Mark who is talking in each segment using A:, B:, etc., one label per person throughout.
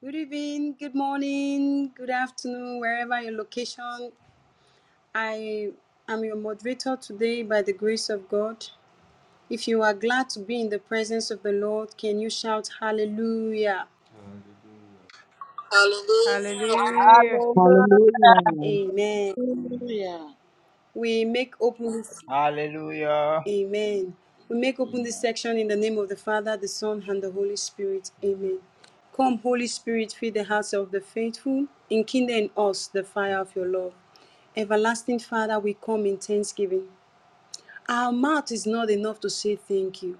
A: Good evening, good morning, good afternoon, wherever your location. I am your moderator today by the grace of God. If you are glad to be in the presence of the Lord, can you shout hallelujah?
B: Hallelujah.
C: Hallelujah.
D: Hallelujah.
A: Amen.
E: Hallelujah.
A: We make open this
F: Hallelujah.
A: Amen. We make open this
F: Amen.
A: section in the name of the Father, the Son, and the Holy Spirit. Amen. Come, Holy Spirit, fill the hearts of the faithful, enkindle in us the fire of your love. Everlasting Father, we come in thanksgiving. Our mouth is not enough to say thank you.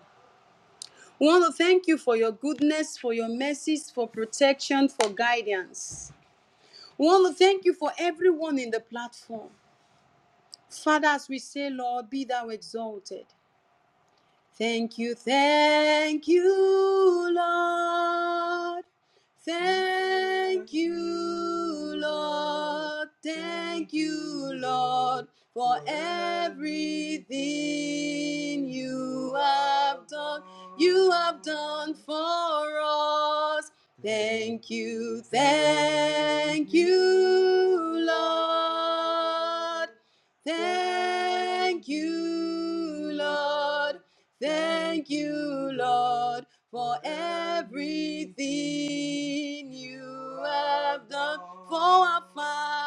A: We want to thank you for your goodness, for your mercies, for protection, for guidance. We want to thank you for everyone in the platform. Father, as we say, Lord, be thou exalted. Thank you, thank you, Lord. Thank you, Lord. Thank you, Lord, for everything you have done. You have done for us. Thank you, thank you, Lord. Thank you, Lord. Thank you, Lord, for everything you have done for our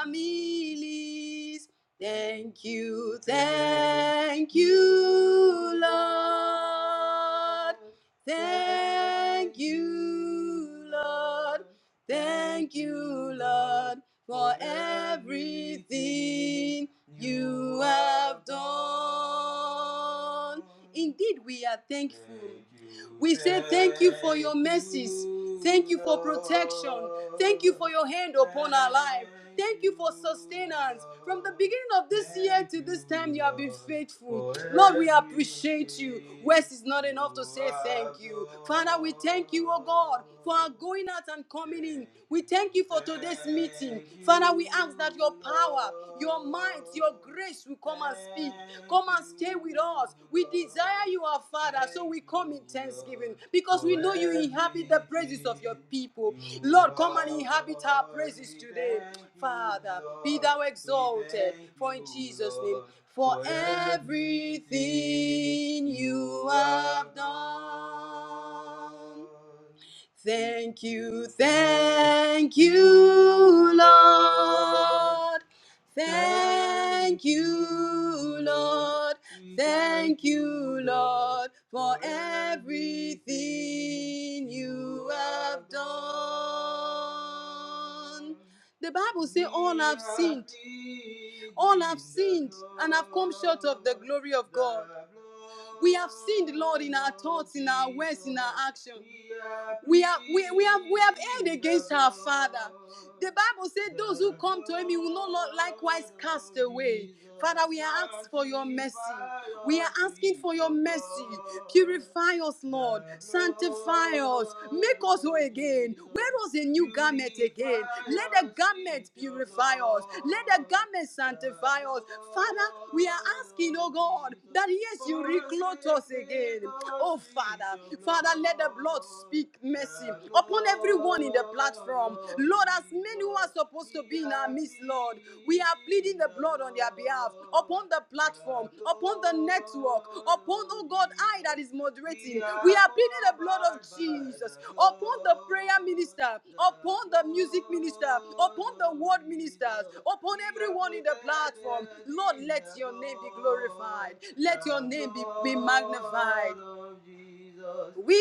A: families. Thank you, thank you, Lord. Thank you, Lord. Thank you, Lord for everything you have done. Indeed, we are thankful. We say thank you for your mercies. Thank you for protection. Thank you for your hand upon our life. Thank you for sustenance. From the beginning of this year to this time, you have been faithful. Lord, we appreciate you. Words is not enough to say thank you. Father, we thank you, oh God, for our going out and coming in. We thank you for today's meeting. Father, we ask that your power, your might, your grace will come and speak. Come and stay with us. We desire you, our Father, so we come in thanksgiving because we know you inhabit the praises of your people. Lord, come and inhabit our praises today. Father, be thou exalted, for in Jesus' name, for everything you have done. Thank you, thank you, Lord. Thank you, Lord. Thank you, Lord, for everything you have done. The Bible says, All have sinned. All have sinned and have come short of the glory of God. We have sinned, Lord, in our thoughts, in our words, in our actions. We have we, we have we have erred against our Father. The Bible said, Those who come to him, he will not likewise cast away. Father, we are asking for your mercy. We are asking for your mercy. Purify us, Lord. Sanctify us. Make us whole again. Wear us a new garment again. Let the garment purify us. Let the garment sanctify us. Father, we are asking, oh God, that yes, you reclothe us again. Oh Father, Father, let the blood speak mercy mercy upon everyone in the platform. Lord, as many who are supposed to be in our midst, Lord, we are pleading the blood on their behalf upon the platform, upon the network, upon, oh God, I that is moderating. We are pleading the blood of Jesus upon the prayer minister, upon the music minister, upon the word ministers, upon everyone in the platform. Lord, let your name be glorified. Let your name be, be magnified. We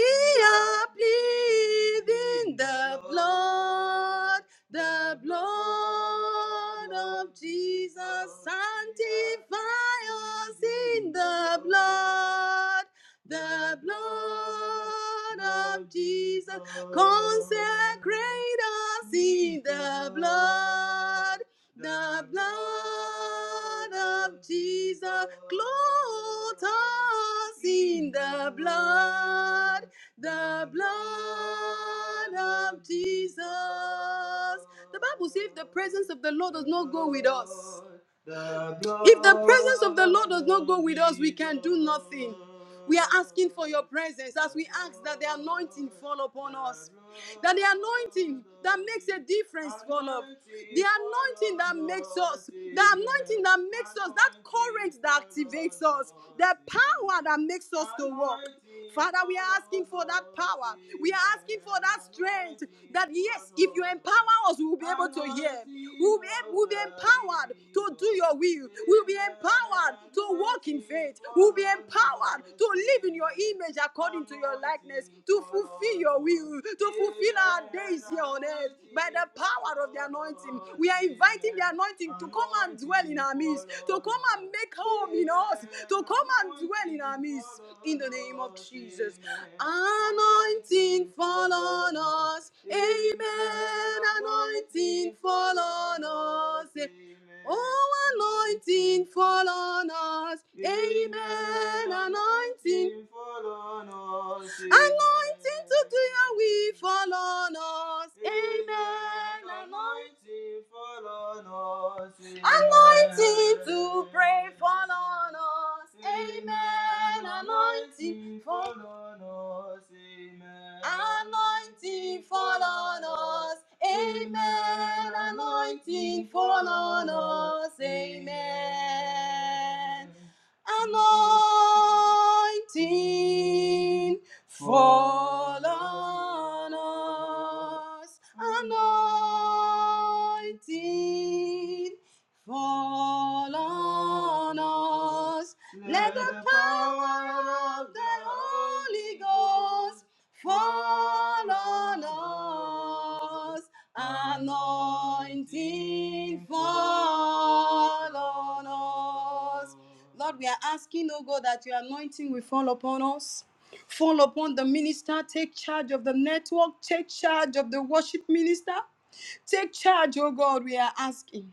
A: are pleading the blood, the blood of Jesus. Sanctify us in the blood, the blood of Jesus. Consecrate us in the blood. The blood of Jesus clothes us in the blood, the blood of Jesus. The Bible says if the presence of the Lord does not go with us, if the presence of the Lord does not go with us, we can do nothing. We are asking for your presence as we ask that the anointing fall upon us. That the anointing that makes a difference, God of the anointing that makes us, the anointing that makes us, that current that activates us, the power that makes us to walk. Father, we are asking for that power. We are asking for that strength. That yes, if you empower us, we will be able to hear. We will be, we'll be empowered to do your will. We'll be empowered to walk in faith. We'll be empowered to live in your image according to your likeness darkness to fulfill your will, to fulfill our days here on earth by the power of the anointing. We are inviting the anointing to come and dwell in our midst, to come and make home in us, to come and dwell in our midst in the name of Jesus. Anointing fall on us. Amen. Anointing fall on us. Oh, anointing fall on us. Amen. Anointing. fall on us, Anointing to do your will fall on us. Amen. Anointing. fall on us, Anointing to pray fall on us us. Amen. Anointing fall on us. Amen. Anointing fall on us. Amen. Anointing fall on us. Amen. Anointing fall on us. Anointing Fall on us. Let the power of the Holy Ghost fall on us. Anointing fall on us. Lord, we are asking, oh God, that your anointing will fall upon us. Fall upon the minister. Take charge of the network. Take charge of the worship minister. Take charge, oh God, we are asking.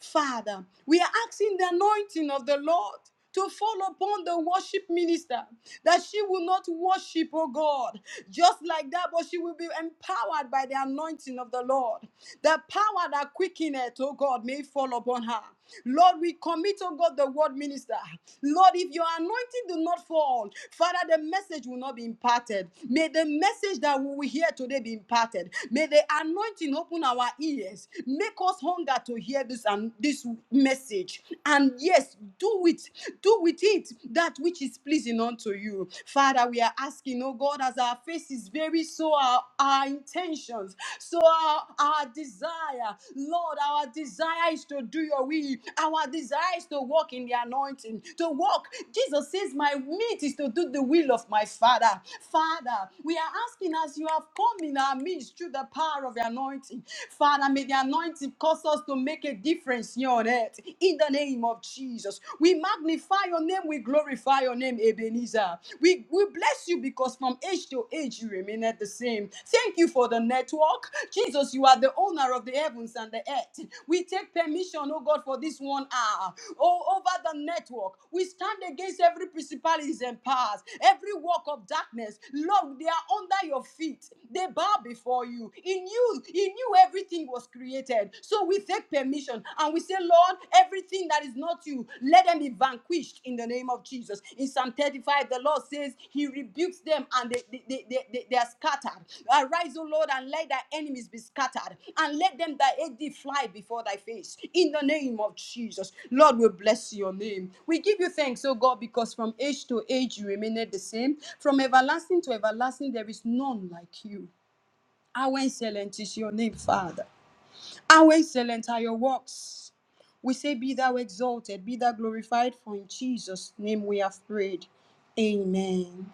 A: Father, we are asking the anointing of the Lord to fall upon the worship minister that she will not worship, oh God, just like that, but she will be empowered by the anointing of the Lord. The power that quickeneth, oh God, may fall upon her. Lord, we commit, oh God, the word minister. Lord, if your anointing do not fall, Father, the message will not be imparted. May the message that we will hear today be imparted. May the anointing open our ears. Make us cause hunger to hear this and this message. And yes, do it. Do with it that which is pleasing unto you. Father, we are asking, oh God, as our face is very so our, our intentions, so our, our desire. Lord, our desire is to do your will. Our desire is to walk in the anointing, to walk. Jesus says, My meat is to do the will of my Father. Father, we are asking as you have come in our midst through the power of the anointing. Father, may the anointing cause us to make a difference here on earth. In the name of Jesus, we magnify your name, we glorify your name, Ebenezer. We, we bless you because from age to age you remain at the same. Thank you for the network. Jesus, you are the owner of the heavens and the earth. We take permission, oh God, for this one hour. Oh, over the network, we stand against every principalities and powers, every work of darkness. Lord, they are under your feet. They bow before you. In in you, in you, everything was created. So we take permission and we say, Lord, everything that is not you, let them be vanquished in the name of Jesus. In Psalm 35, the Lord says, He rebukes them and they, they, they, they, they they are scattered. Arise, O Lord, and let thy enemies be scattered, and let them that hate thee fly before thy face. In the name of Jesus, Lord, we bless your name. We give you thanks, O God, because from age to age you remained the same. From everlasting to everlasting, there is none like you. How excellent is your name, Father. How excellent are your works. We say, Be thou exalted, be thou glorified, for in Jesus' name we have prayed. Amen.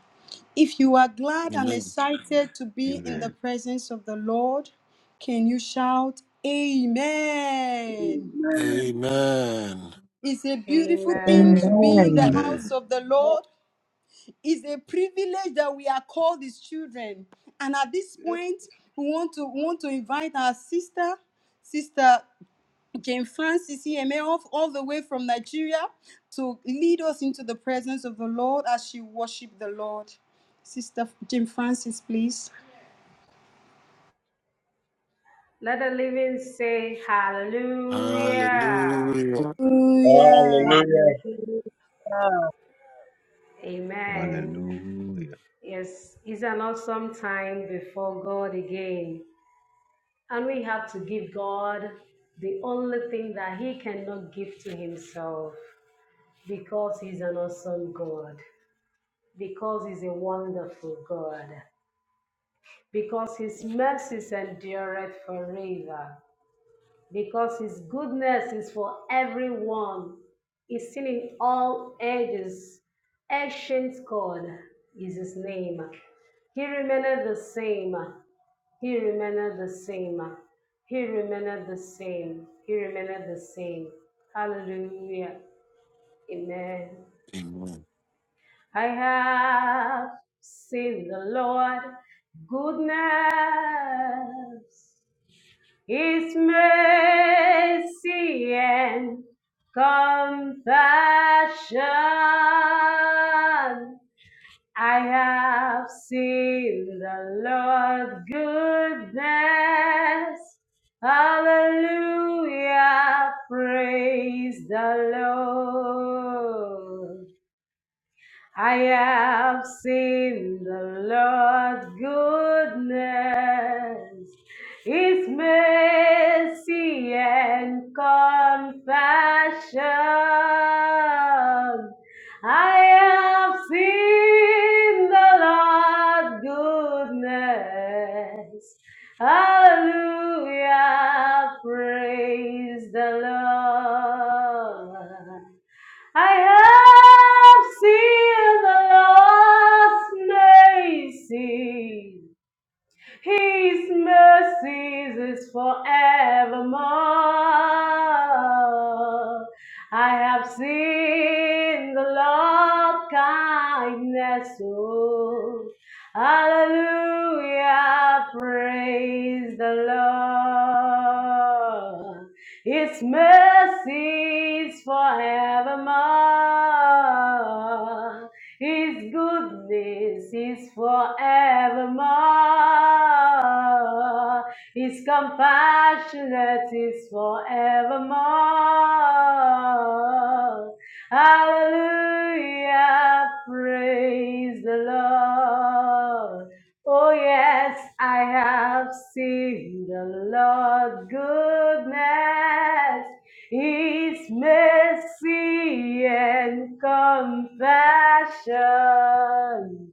A: If you are glad and
G: Amen.
A: excited to be in the
H: Amen.
A: presence of the Lord, can you shout, Amen?
I: Amen.
G: Amen.
A: It's a beautiful thing to
B: Amen.
A: be in the
D: Amen.
A: house
H: Amen.
A: of the Lord. It's a privilege that we are called his children. And at this point, we want to we want to invite our sister, sister Jane Francis EMA, off all the way from Nigeria, to lead us into the presence of the Lord as she worship the Lord. Sister Jane Francis, please.
B: Let the living say hallelujah.
G: Hallelujah.
A: Hallelujah.
J: Hallelujah.
C: Hallelujah.
B: Amen.
H: Hallelujah.
B: Yes, it's an awesome time before God again. And we have to give God the only thing that He cannot give to Himself because He's an awesome God, because He's a wonderful God, because His mercies endureth forever. because his goodness is for everyone. He's seen in all ages. Ancient God is his name. He remained the same. He remained the same. He remained the same. He remained the same. Hallelujah. Amen.
G: Amen.
B: I have seen the Lord goodness his mercy and compassion. I have seen the Lord's goodness. Hallelujah, praise the Lord. I have seen the Lord's goodness, His mercy and compassion. I have seen the Lord's goodness. Hallelujah, praise the Lord. I have seen the lost mercy. His mercies is forevermore. I have seen the Lord's kindness. Oh, hallelujah! Praise the Lord. His mercies forevermore. His goodness is forevermore. His compassionate is forevermore. Hallelujah, praise the Lord. Oh yes, I have seen the Lord's goodness. His mercy and compassion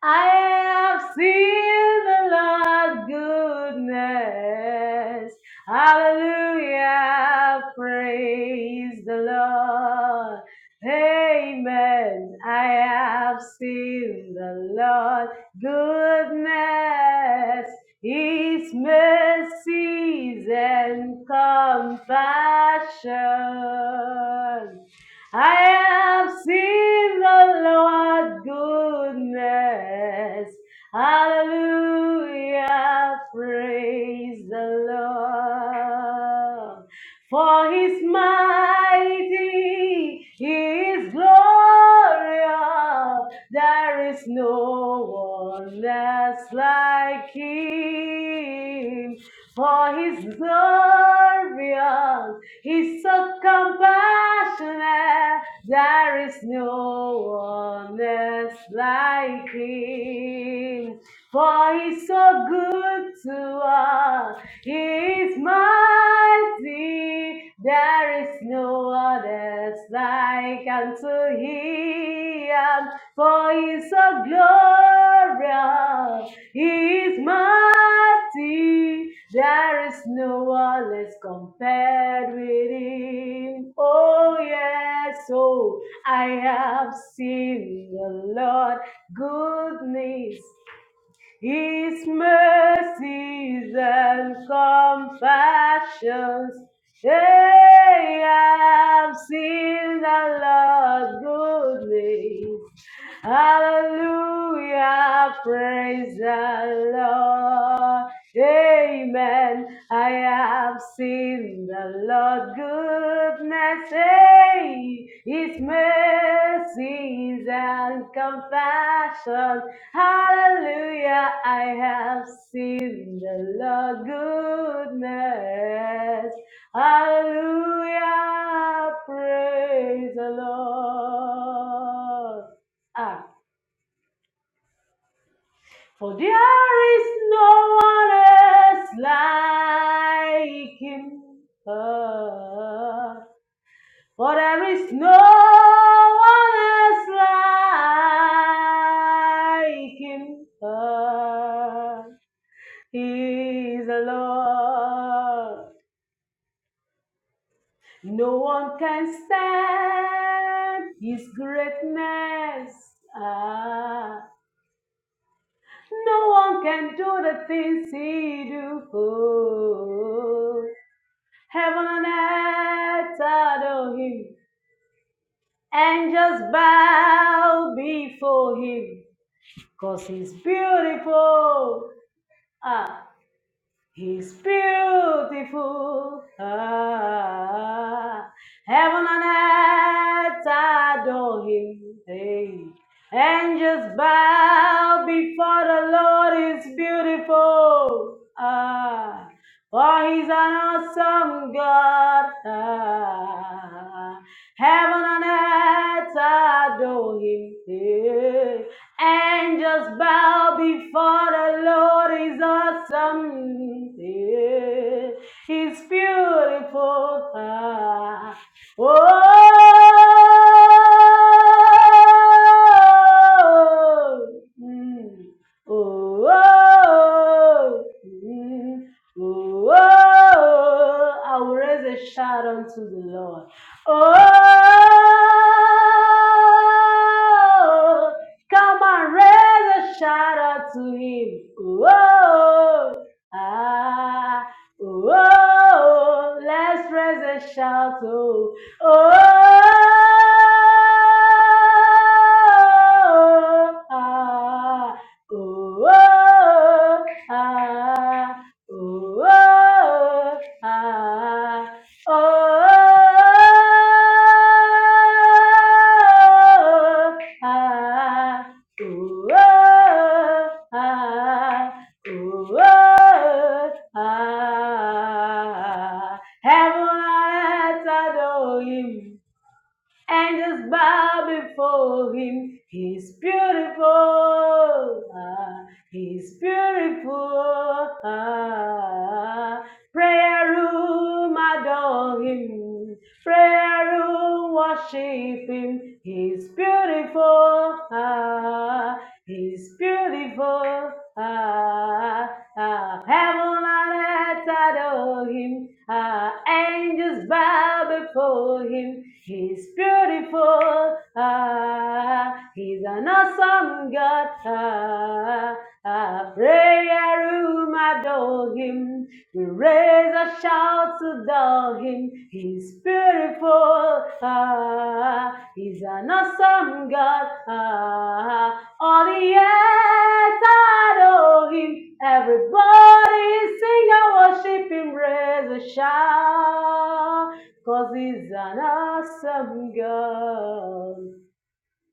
B: I have seen the Lord's goodness. Hallelujah. Praise the Lord. Amen. I have seen the Lord's goodness. His mercies and compassion. I have seen the Lord's goodness. Hallelujah. Praise the Lord. For his mighty, he is glorious. There is no one else like him. For his glorious, He's so compassionate. There is no one else like him. For he's so good to us. He is mighty. There is no one else like unto him. For he's so glorious. He is mighty. There is no one less compared with him. Oh, yes. Oh, I have seen the Lord goodness his mercies and compassions, they have seen the Lord's goodness. Hallelujah, praise the Lord. Amen. I have seen the Lord's goodness, hey, His mercies and compassion. Hallelujah, I have seen the Lord goodness. Hallelujah, praise the Lord. Ah, for there is no one else like him. Ah, for there is no one else like him. Ah, He's the Lord. No one can stand His greatness. Ah, no one can do the things He do. Oh, heaven and earth adore Him, and just bow before Him, 'cause He's beautiful. Ah. He's beautiful. Ah, heaven and earth adore him. Hey. Angels bow before the Lord is beautiful. Ah, for he's an awesome God. Ah, heaven and earth adore him. Hey and just bow before the Lord is awesome. Yeah, He's beautiful. Ah, Oh, mm, oh, mm, oh, I will raise a shout unto the Lord. Oh. Come on, raise a shout out to him. Whoa, ah, whoa, let's raise a shout. Oh, oh, ah, oh, ah, oh, ah oh, ah, ooh, oh, ah, ooh, oh, ah. Heaven and earth adore him and just bow before him. He's beautiful. Ah, he's beautiful. Ah, prayer room adore him. Prayer room worship him. He's beautiful. Ah, He's beautiful. Ah, ah, ah. heaven and earth adore him. Ah, angels bow before him. He's beautiful. Ah, he's an awesome God. Ah, ah, prayer room adore him. We raise a shout to adore him. He's beautiful. Ah, he's an awesome God. Ah, on the earth, adore him. Everybody sing and worship him, raise a shout. Cause he's an awesome God.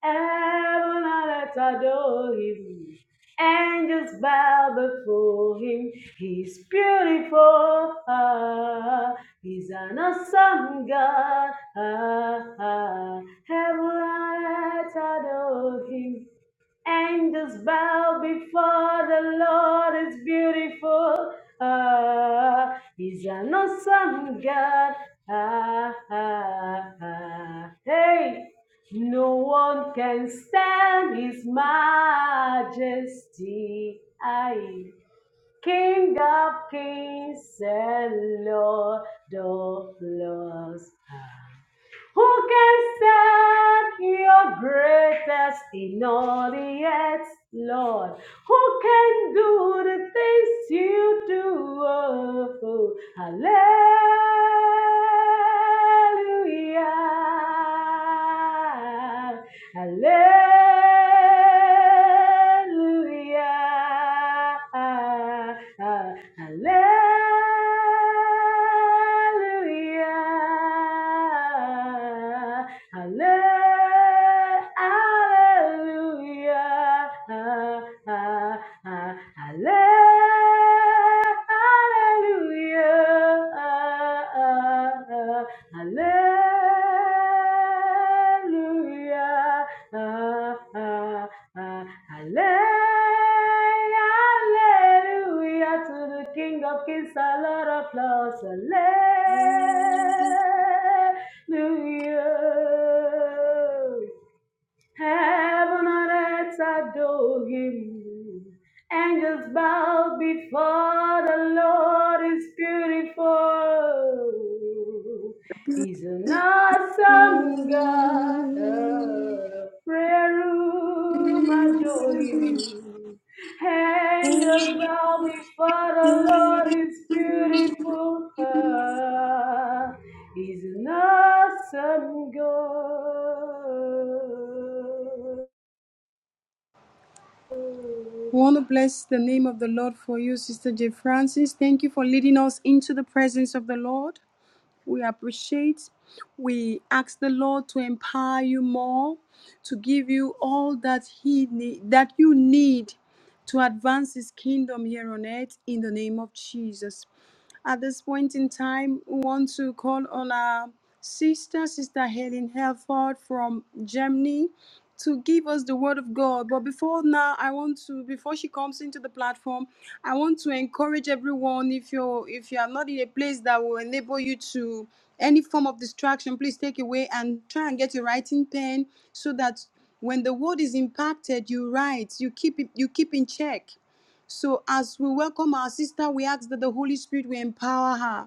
B: Heaven and earth adore him. Angels bow before him. He's beautiful. ah. he's an awesome God. ah, ah. Heaven and earth adore him angels bow before the Lord is beautiful. Ah, he's an awesome God. Ah, ah, ah. Hey, no one can stand his majesty. Aye. King of kings and Lord of lords. Who can stand your greatest in all the earth, Lord? Who can do the things you do? Oh, hallelujah. Hallelujah. Hallelujah. Hallelujah, Hallelujah. Ah, ah, ah. Hallelujah. Ah, ah, ah. Hallelujah. Ah, ah, uh, Hallelujah, hallelujah to the King of Kings, a lot of applause. Hallelujah. Heaven and earth adore him. Angels bow before the Lord is beautiful. He's an awesome God. A Prayer room adore him. Angels bow before the Lord is beautiful. He's an awesome
A: We want to bless the name of the Lord for you, Sister Jane Francis. Thank you for leading us into the presence of the Lord. We appreciate. We ask the Lord to empower you more, to give you all that He need, that you need to advance His kingdom here on earth in the name of Jesus. At this point in time, we want to call on our sister, Sister Helen Helford from Germany, to give us the word of God. But before now, I want to, before she comes into the platform, I want to encourage everyone if you're if you are not in a place that will enable you to any form of distraction, please take away and try and get a writing pen so that when the word is impacted, you write, you keep it, you keep in check. So as we welcome our sister, we ask that the Holy Spirit will empower her.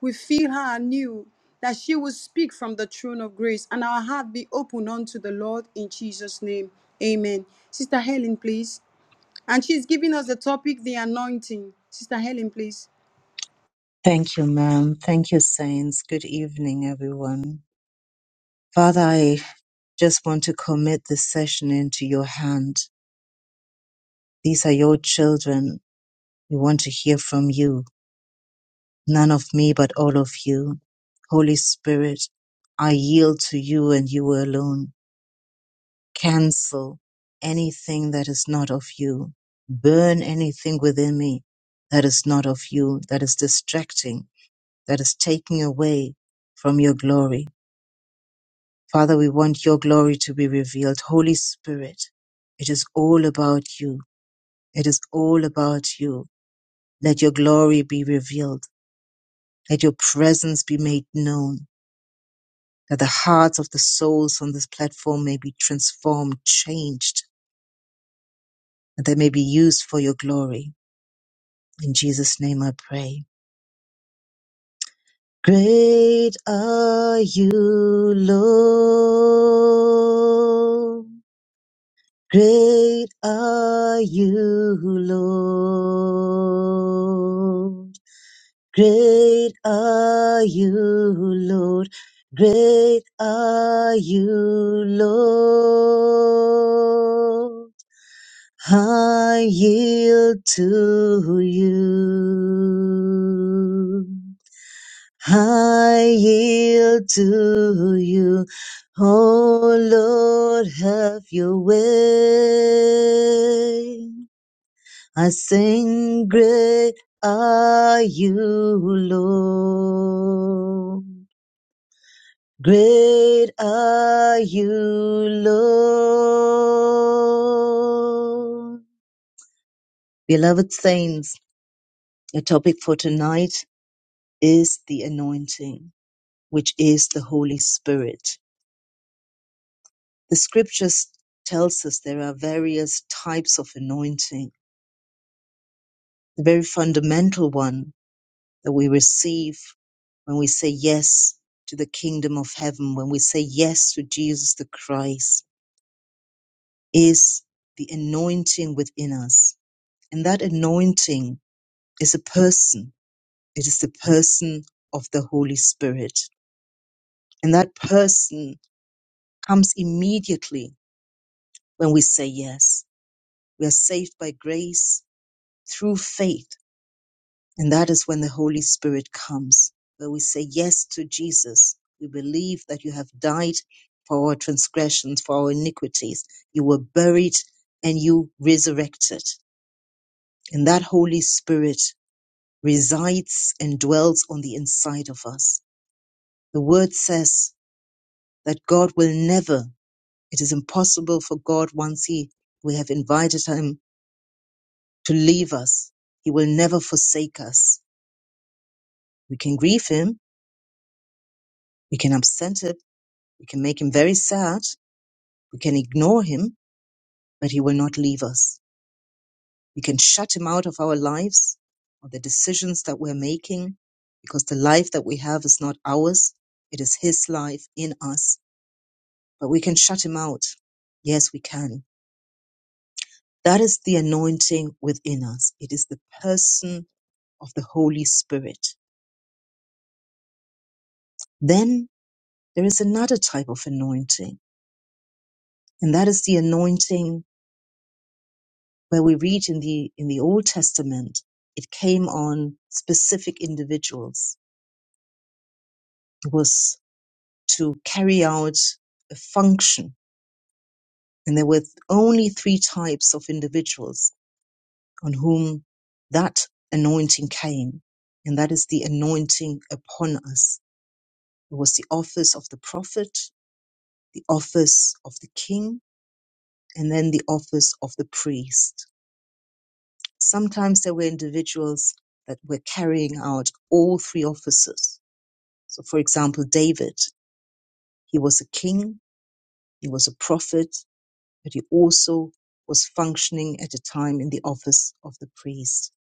A: We feel her anew, that she will speak from the throne of grace and our heart be open unto the Lord in Jesus' name. Amen. Sister Helen, please. And she's giving us the topic, the anointing. Sister Helen, please.
D: Thank you, ma'am. Thank you, saints. Good evening, everyone. Father, I just want to commit this session into your hand. These are your children. We want to hear from you. None of me, but all of you. Holy Spirit, I yield to you and you alone. Cancel anything that is not of you. Burn anything within me that is not of you, that is distracting that is taking away from your glory. Father, we want your glory to be revealed. Holy Spirit, it is all about you. It is all about you. Let your glory be revealed. Let your presence be made known. That the hearts of the souls on this platform may be transformed, changed, that they may be used for your glory. In Jesus' name I pray. Great are you, Lord. Great are you, Lord. Great are you, Lord. Great are you, Lord. I yield to you. I yield to you. Oh Lord, have your way. I sing, Great are you, Lord. Great are you, Lord. Beloved saints, the topic for tonight is the anointing, which is the Holy Spirit. The scriptures tells us there are various types of anointing the very fundamental one that we receive when we say yes to the kingdom of heaven, when we say yes to Jesus the Christ, is the anointing within us. And that anointing is a person. It is the person of the Holy Spirit. And that person comes immediately when we say yes. We are saved by grace through faith And that is when the Holy Spirit comes, where we say yes to Jesus. We believe that you have died for our transgressions, for our iniquities. You were buried and you resurrected. And that Holy Spirit resides and dwells on the inside of us. The word says that God will never, it is impossible for God once he, we have invited him to leave us. He will never forsake us. We can grieve him. We can absent him We can make him very sad. We can ignore him, but he will not leave us. We can shut him out of our lives or the decisions that we're making because the life that we have is not ours. It is his life in us, but we can shut him out. Yes, we can. That is the anointing within us. It is the person of the Holy Spirit. Then there is another type of anointing, and that is the anointing where we read in the in the Old Testament, it came on specific individuals. It was to carry out a function, and there were only three types of individuals on whom that anointing came, and that is the anointing upon us. It was the office of the prophet, the office of the king, and then the office of the priest. Sometimes there were individuals that were carrying out all three offices So, for example, David, he was a king, he was a prophet, but he also was functioning at a time in the office of the priest.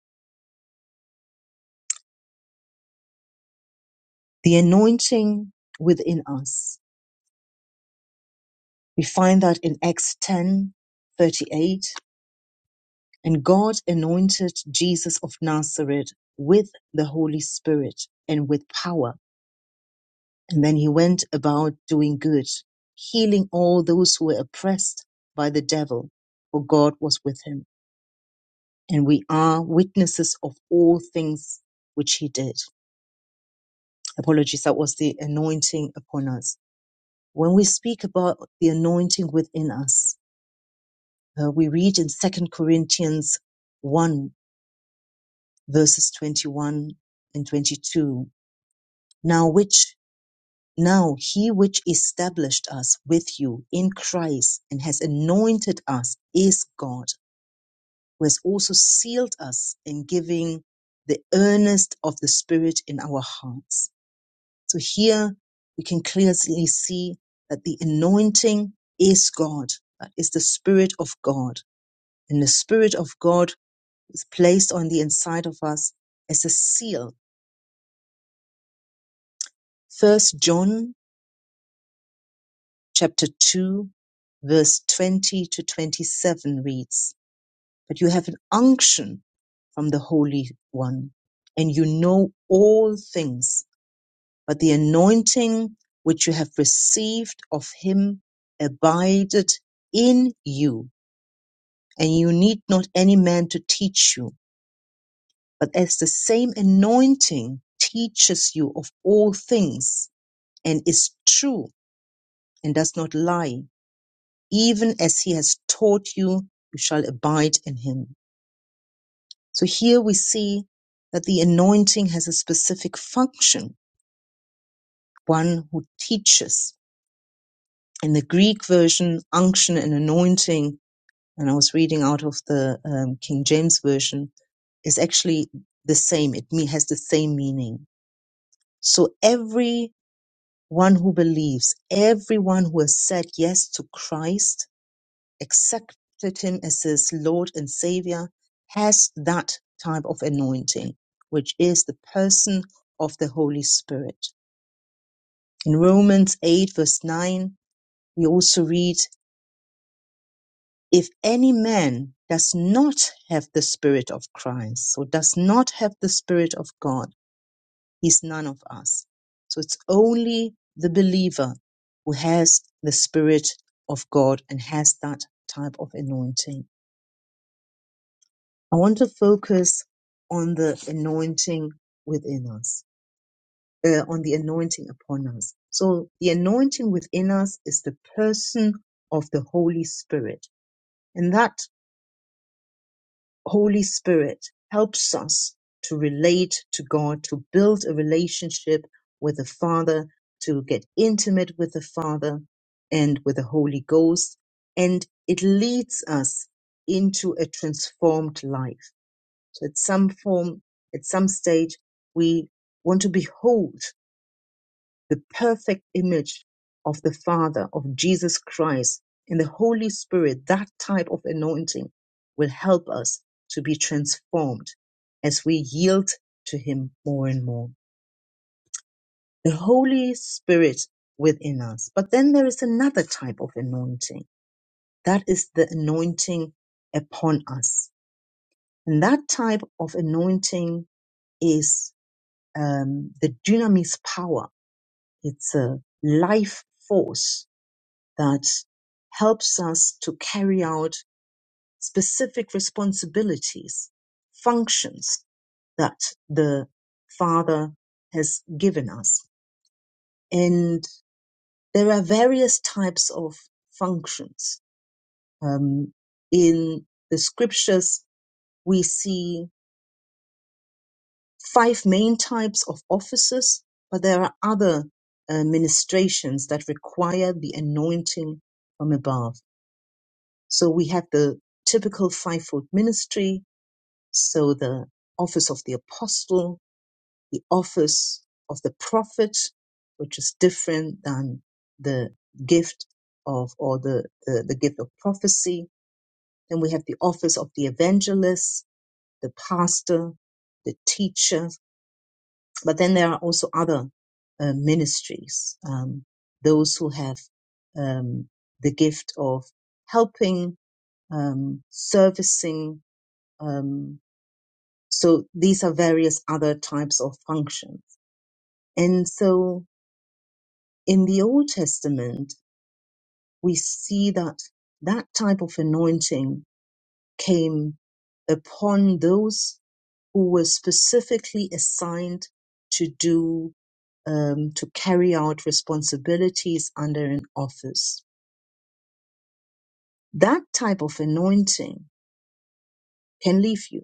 D: The anointing within us, we find that in Acts 10 38, and God anointed Jesus of Nazareth with the Holy Spirit and with power. And then he went about doing good, healing all those who were oppressed by the devil, for God was with him. and we are witnesses of all things which he did. Apologies, that was the anointing upon us. When we speak about the anointing within us, uh, we read in Second Corinthians 1 verses 21 and 22. Now which, now he which established us with you in Christ and has anointed us is God, who has also sealed us in giving the earnest of the Spirit in our hearts So here we can clearly see that the anointing is God, that is the Spirit of God. And the Spirit of God is placed on the inside of us as a seal. First John chapter 2 verse 20 to 27 reads, but you have an unction from the Holy One and you know all things But the anointing which you have received of him abideth in you, and you need not any man to teach you. But as the same anointing teaches you of all things, and is true, and does not lie, even as he has taught you, you shall abide in him. So here we see that the anointing has a specific function, one who teaches. In the Greek version, unction and anointing and I was reading out of the um, King James version, is actually the same. It me- has the same meaning. So every one who believes, everyone who has said yes to Christ, accepted him as his Lord and Savior, has that type of anointing, which is the person of the Holy Spirit. In Romans 8 verse 9, we also read if any man does not have the spirit of Christ or does not have the spirit of God, he's none of us. So it's only the believer who has the spirit of God and has that type of anointing. I want to focus on the anointing within us, uh, on the anointing upon us. So the anointing within us is the person of the Holy Spirit. And that Holy Spirit helps us to relate to God, to build a relationship with the Father, to get intimate with the Father and with the Holy Ghost. And it leads us into a transformed life. So at some form, at some stage, we want to behold the perfect image of the Father, of Jesus Christ, and the Holy Spirit, that type of anointing will help us to be transformed as we yield to Him more and more. The Holy Spirit within us. But then there is another type of anointing. That is the anointing upon us. And that type of anointing is um, the dynamis power. It's a life force that helps us to carry out specific responsibilities, functions that the Father has given us. And there are various types of functions. Um, in the scriptures, we see five main types of offices, but there are other uh, ministrations that require the anointing from above. So we have the typical fivefold ministry. So the office of the apostle, the office of the prophet, which is different than the gift of or the, the, the gift of prophecy. Then we have the office of the evangelist, the pastor, the teacher. But then there are also other uh, ministries. Um, those who have um, the gift of helping, um, servicing, Um, so these are various other types of functions. And so in the Old Testament, we see that that type of anointing came upon those who were specifically assigned to do, um, to carry out responsibilities under an office. That type of anointing can leave you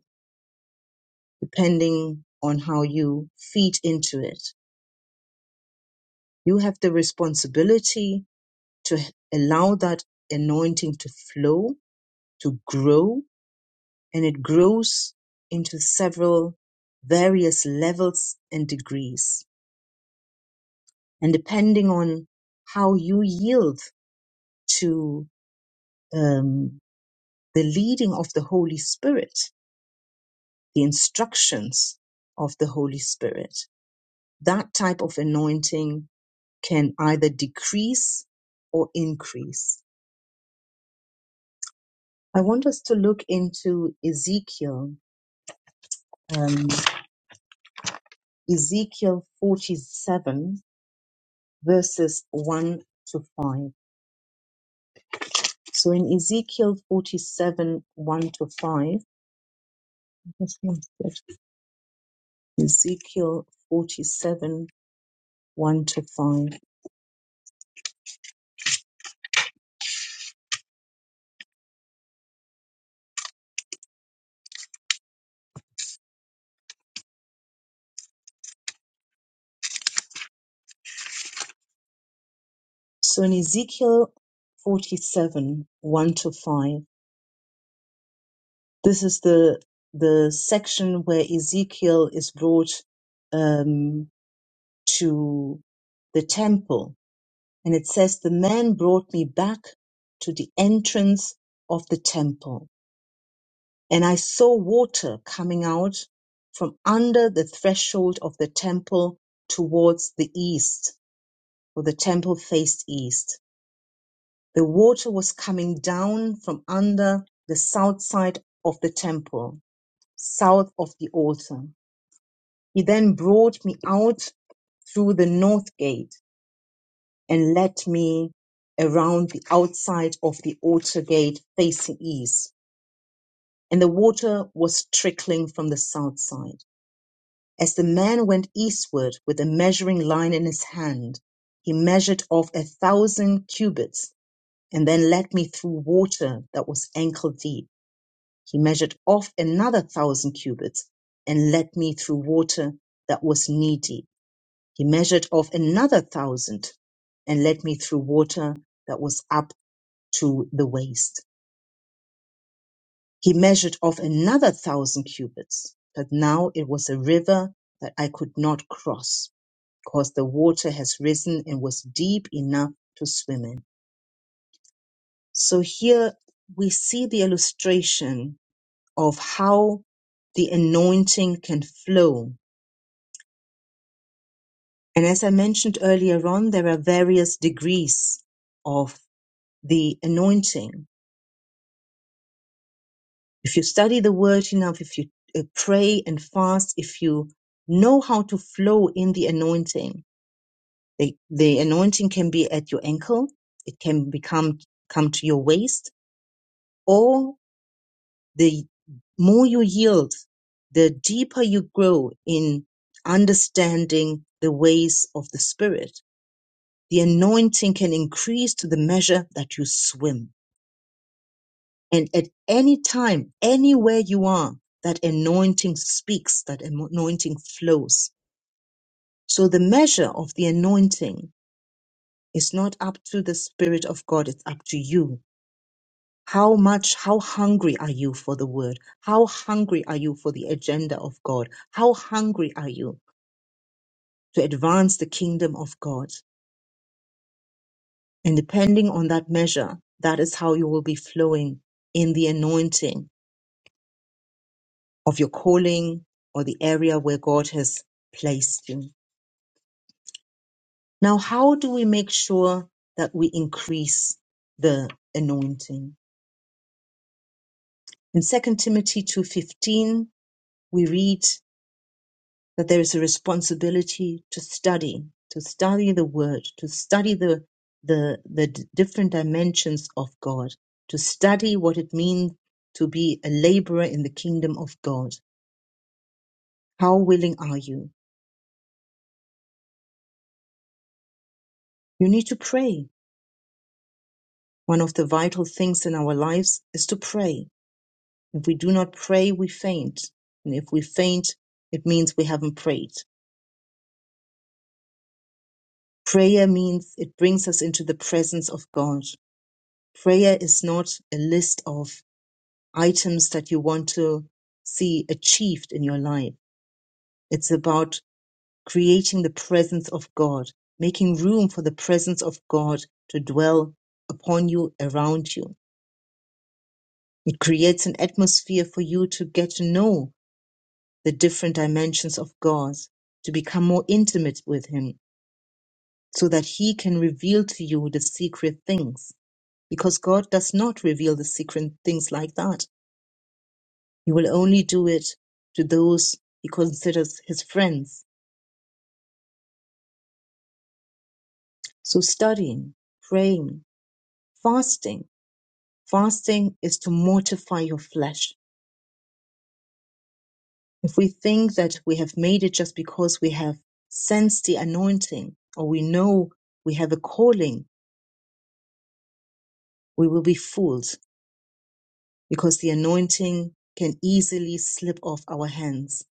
D: depending on how you feed into it. You have the responsibility to allow that anointing to flow, to grow, and it grows into several various levels and degrees. And depending on how you yield to um, the leading of the Holy Spirit, the instructions of the Holy Spirit, that type of anointing can either decrease or increase. I want us to look into Ezekiel. um, Ezekiel 47 verses 1 to 5. So in Ezekiel 47 1 to 5, Just one sec. Ezekiel 47 1 to 5. So in Ezekiel 47 1 to 5, this is the the section where Ezekiel is brought um, to the temple And it says, The man brought me back to the entrance of the temple, and I saw water coming out from under the threshold of the temple towards the east, for the temple faced east. The water was coming down from under the south side of the temple, south of the altar. He then brought me out through the north gate and led me around the outside of the altar gate facing east, and the water was trickling from the south side. As the man went eastward with a measuring line in his hand, he measured off a thousand cubits and then led me through water that was ankle deep. He measured off another thousand cubits and led me through water that was knee deep. He measured off another thousand and led me through water that was up to the waist. He measured off another thousand cubits, but now it was a river that I could not cross, because the water has risen and was deep enough to swim in. So here we see the illustration of how the anointing can flow. And as I mentioned earlier on, there are various degrees of the anointing. If you study the word enough, if you uh, pray and fast, if you know how to flow in the anointing, the, the anointing can be at your ankle, it can become come to your waist, or the more you yield, the deeper you grow in understanding the ways of the Spirit. The anointing can increase to the measure that you swim And at any time, anywhere you are, that anointing speaks, that anointing flows. So the measure of the anointing is not up to the Spirit of God, it's up to you. How much, how hungry are you for the word? How hungry are you for the agenda of God? How hungry are you to advance the kingdom of God? And depending on that measure, that is how you will be flowing in the anointing of your calling or the area where God has placed you. Now, how do we make sure that we increase the anointing? In Second Timothy 2:15, we read that there is a responsibility to study, to study the word, to study the the, the d- different dimensions of God, to study what it means to be a laborer in the kingdom of God. How willing are you? You need to pray. One of the vital things in our lives is to pray. If we do not pray, we faint. And if we faint, it means we haven't prayed. Prayer means it brings us into the presence of God. Prayer is not a list of items that you want to see achieved in your life. It's about creating the presence of God, making room for the presence of God to dwell upon you, around you. It creates an atmosphere for you to get to know the different dimensions of God, to become more intimate with Him, so that He can reveal to you the secret things. Because God does not reveal the secret things like that. He will only do it to those He considers His friends. So studying, praying, fasting. Fasting is to mortify your flesh. If we think that we have made it just because we have sensed the anointing or we know we have a calling, we will be fooled because the anointing can easily slip off our hands.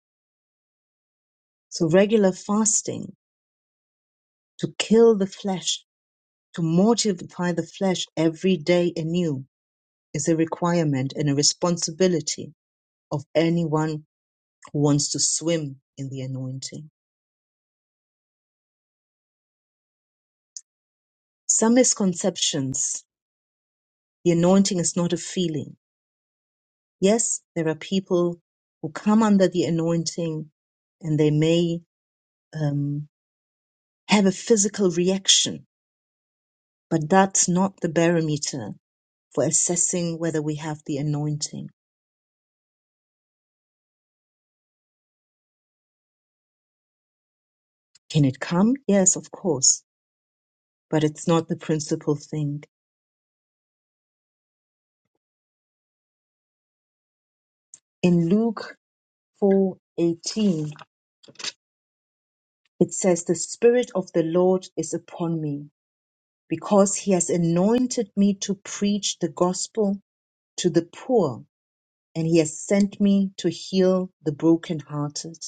D: So regular fasting to kill the flesh, to mortify the flesh every day anew is a requirement and a responsibility of anyone who wants to swim in the anointing. Some misconceptions. The anointing is not a feeling. Yes, there are people who come under the anointing and they may um, have a physical reaction But that's not the barometer for assessing whether we have the anointing. Can it come? Yes, of course, but it's not the principal thing. In Luke 4:18, it says, "The spirit of the Lord is upon me, because he has anointed me to preach the gospel to the poor, and he has sent me to heal the brokenhearted."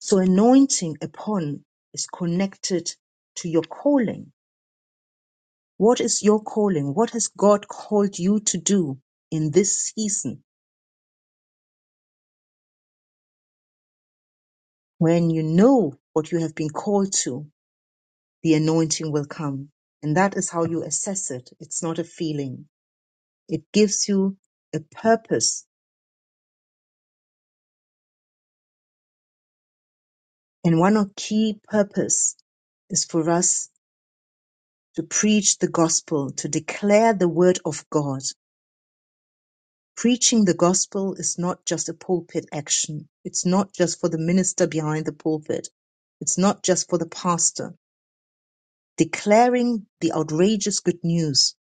D: So anointing upon is connected to your calling What is your calling? What has God called you to do in this season? When you know what you have been called to, the anointing will come. And that is how you assess it. It's not a feeling. It gives you a purpose. And one of key purpose is for us to preach the gospel, to declare the word of God. Preaching the gospel is not just a pulpit action. It's not just for the minister behind the pulpit. It's not just for the pastor Declaring the outrageous good news.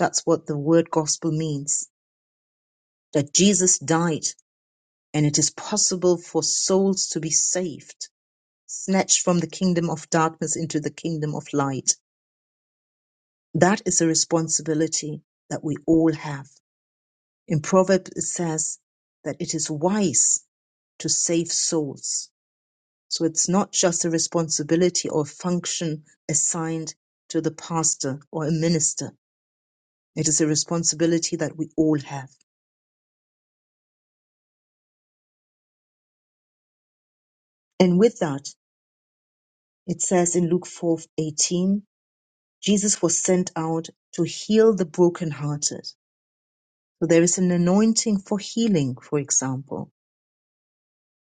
D: That's what the word gospel means. That Jesus died and it is possible for souls to be saved, snatched from the kingdom of darkness into the kingdom of light. That is a responsibility that we all have. In Proverbs, it says that it is wise to save souls. So it's not just a responsibility or function assigned to the pastor or a minister It is a responsibility that we all have. And with that, it says in Luke 4:18, Jesus was sent out to heal the brokenhearted. So there is an anointing for healing, for example.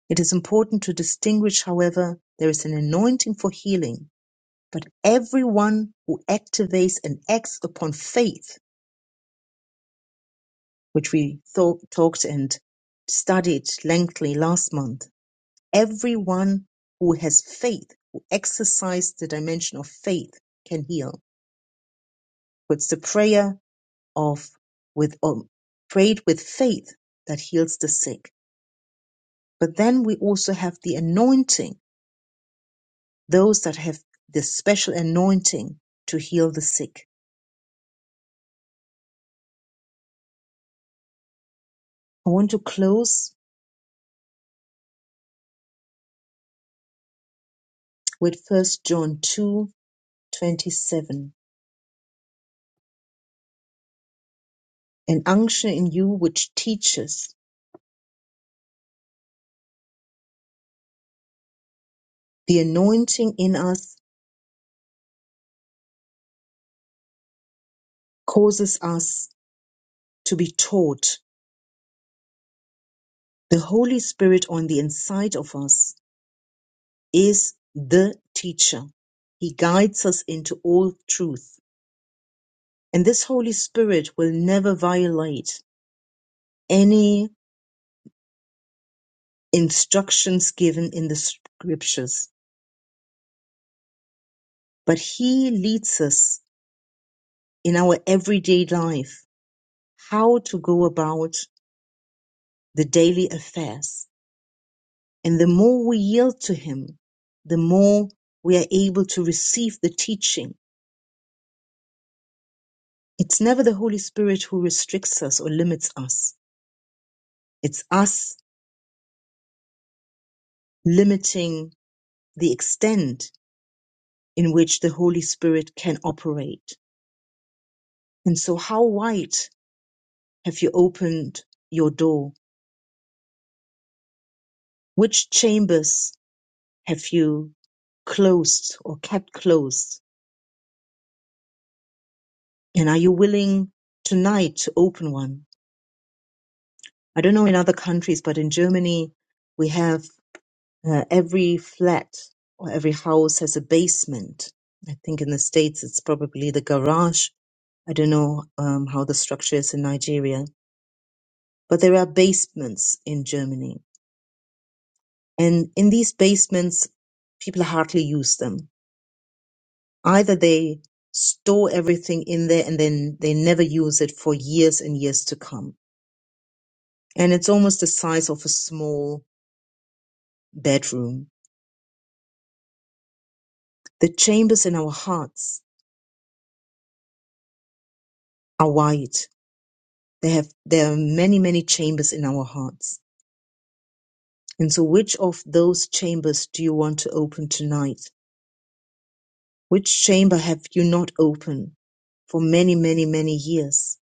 D: It is important to distinguish, however, there is an anointing for healing, but everyone who activates and acts upon faith, which we thought, talked and studied lengthily last month, Everyone who has faith, who exercises the dimension of faith, can heal. It's the prayer of with um, prayed with faith that heals the sick. But then we also have the anointing, those that have the special anointing to heal the sick. I want to close with First John two twenty seven. An unction in you which teaches, the anointing in us causes us to be taught The Holy Spirit on the inside of us is the teacher. He guides us into all truth. And this Holy Spirit will never violate any instructions given in the scriptures, but He leads us in our everyday life how to go about the daily affairs. And the more we yield to Him, the more we are able to receive the teaching It's never the Holy Spirit who restricts us or limits us. It's us limiting the extent in which the Holy Spirit can operate. And so, how wide have you opened your door? Which chambers have you closed or kept closed? And are you willing tonight to open one? I don't know in other countries, but in Germany, we have Uh, every flat or every house has a basement. I think in the States it's probably the garage. I don't know um, how the structure is in Nigeria, but there are basements in Germany. And in these basements, people hardly use them. Either they store everything in there and then they never use it for years and years to come. And it's almost the size of a small bedroom. The chambers in our hearts are wide They have there are many, many chambers in our hearts. And so which of those chambers do you want to open tonight? Which chamber have you not opened for many, many, many years?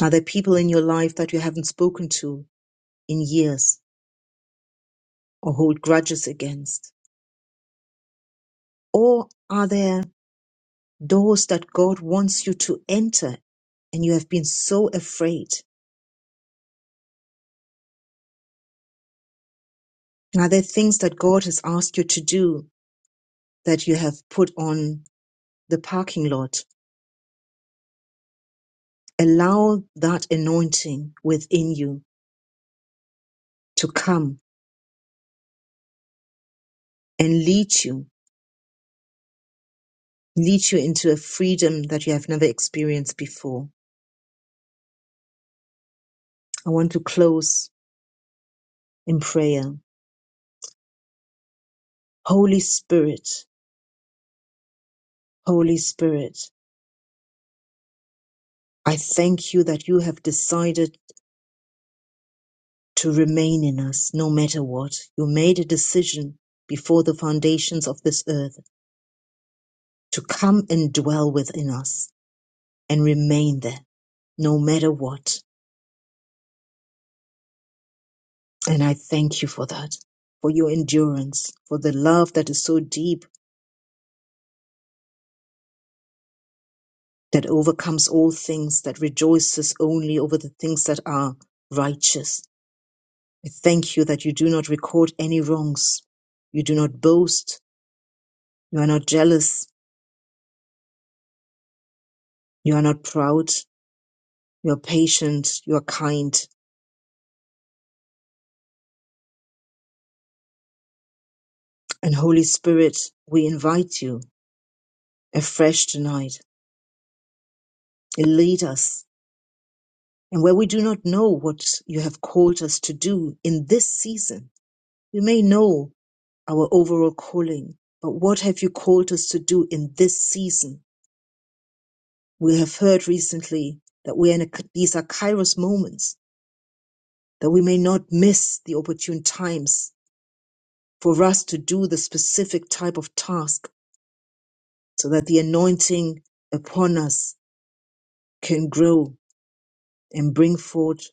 D: Are there people in your life that you haven't spoken to in years or hold grudges against? Or are there doors that God wants you to enter and you have been so afraid? And are there things that God has asked you to do that you have put on the parking lot Allow that anointing within you to come and lead you, lead you into a freedom that you have never experienced before. I want to close in prayer. Holy Spirit, Holy Spirit, I thank you that you have decided to remain in us no matter what. You made a decision before the foundations of this earth to come and dwell within us and remain there no matter what And I thank you for that, for your endurance, for the love that is so deep that overcomes all things, that rejoices only over the things that are righteous. I thank you that you do not record any wrongs. You do not boast. You are not jealous. You are not proud. You are patient. You are kind. And Holy Spirit, we invite you afresh tonight. Lead us. And where we do not know what you have called us to do in this season, we may know our overall calling, but what have you called us to do in this season? We have heard recently that we are in a, these are Kairos moments, that we may not miss the opportune times for us to do the specific type of task so that the anointing upon us can grow and bring forth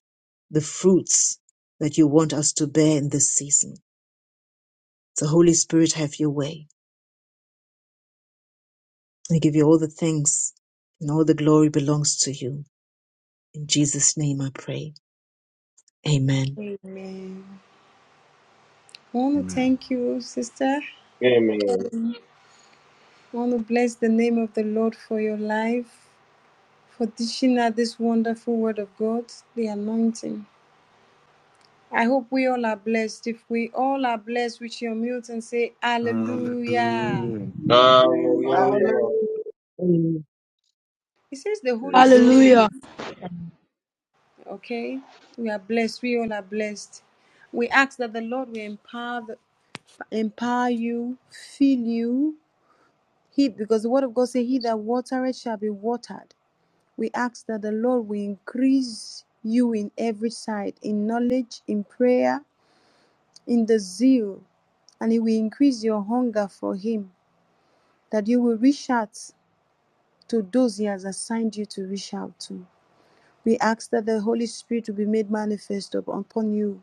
D: the fruits that you want us to bear in this season. So Holy Spirit, have your way. I give you all the thanks and all the glory belongs to you. In Jesus' name I pray. Amen.
A: Amen. I want to
G: Amen.
A: thank you, sister.
J: Amen.
A: I want to bless the name of the Lord for your life, for teaching us this wonderful word of God, the anointing. I hope we all are blessed. If we all are blessed, we should mute and say, Hallelujah.
G: Hallelujah.
I: Hallelujah.
K: All
E: Hallelujah.
K: of
J: Hallelujah.
D: Amen.
A: It says the Holy Spirit,
L: Hallelujah.
A: okay? We are blessed. We all are blessed. We ask that the Lord will empower, empower you, fill you, He, because the word of God says, He that watereth shall be watered. We ask that the Lord will increase you in every side, in knowledge, in prayer, in the zeal, and He will increase your hunger for Him, that you will reach out to those He has assigned you to reach out to. We ask that the Holy Spirit will be made manifest upon you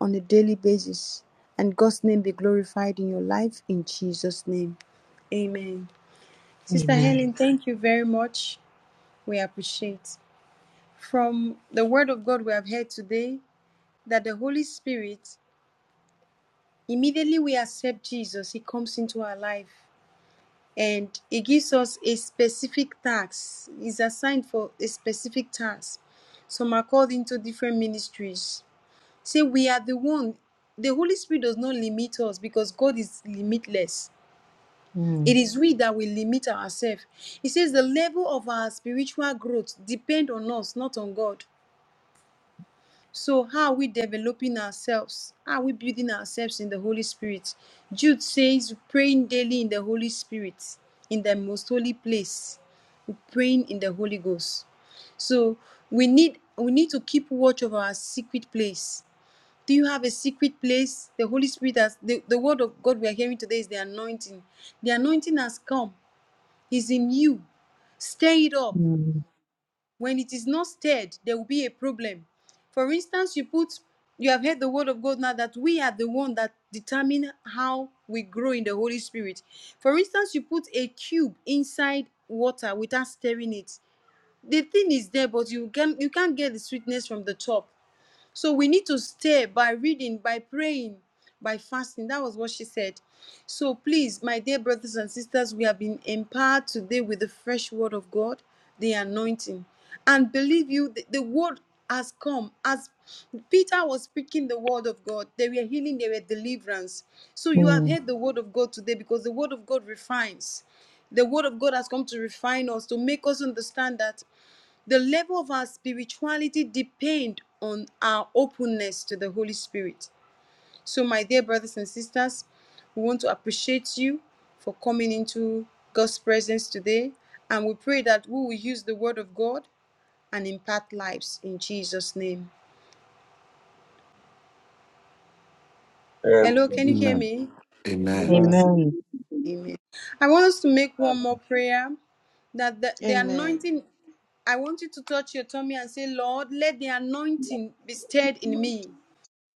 A: on a daily basis, and God's name be glorified in your life in Jesus' name. Amen. Sister
D: Amen.
A: Helen, thank you very much. we appreciate. From the Word of God we have heard today, that the Holy Spirit, immediately we accept Jesus, He comes into our life and He gives us a specific task. He's assigned for a specific task. Some are called into different ministries. Say, we are the one. The Holy Spirit does not limit us because God is limitless.
D: Mm,
A: It is we that will limit ourselves. He says the level of our spiritual growth depends on us, not on God. So, how are we developing ourselves? How are we building ourselves in the Holy Spirit? Jude says, praying daily in the Holy Spirit, in the most holy place, praying in the Holy Ghost. So, we need we need to keep watch of our secret place. Do you have a secret place? The Holy Spirit has the, the word of God we are hearing today is the anointing. The anointing has come, is in you. Stir it up.
D: mm,
A: When it is not stirred, there will be a problem. For instance, you put you have heard the word of God now that we are the one that determine how we grow in the Holy Spirit. For instance, you put a cube inside water without stirring it. The thing is there, but you can you can't get the sweetness from the top. So we need to stay by reading, by praying, by fasting. That was what she said. So please, my dear brothers and sisters, we have been empowered today with the fresh word of God, the anointing. And believe you, the, the word has come. As Peter was speaking the word of God, they were healing, they were deliverance. So you have
D: mm.
A: heard the word of God today because the word of God refines the word of God has come to refine us, to make us understand that the level of our spirituality depends on our openness to the Holy Spirit. So, my dear brothers and sisters, we want to appreciate you for coming into God's presence today. And we pray that we will use the word of God and impact lives in Jesus' name. Hello, can
J: Amen.
A: you hear
G: Amen.
A: me?
G: Amen.
M: Yeah.
I: Blessed
D: Amen.
I: be the
A: Amen. I want us to make one more prayer that the, the
E: Amen.
A: anointing. I want you to touch your tummy and say, Lord, let the
I: name of
A: anointing be stirred in
I: Almighty.
A: me.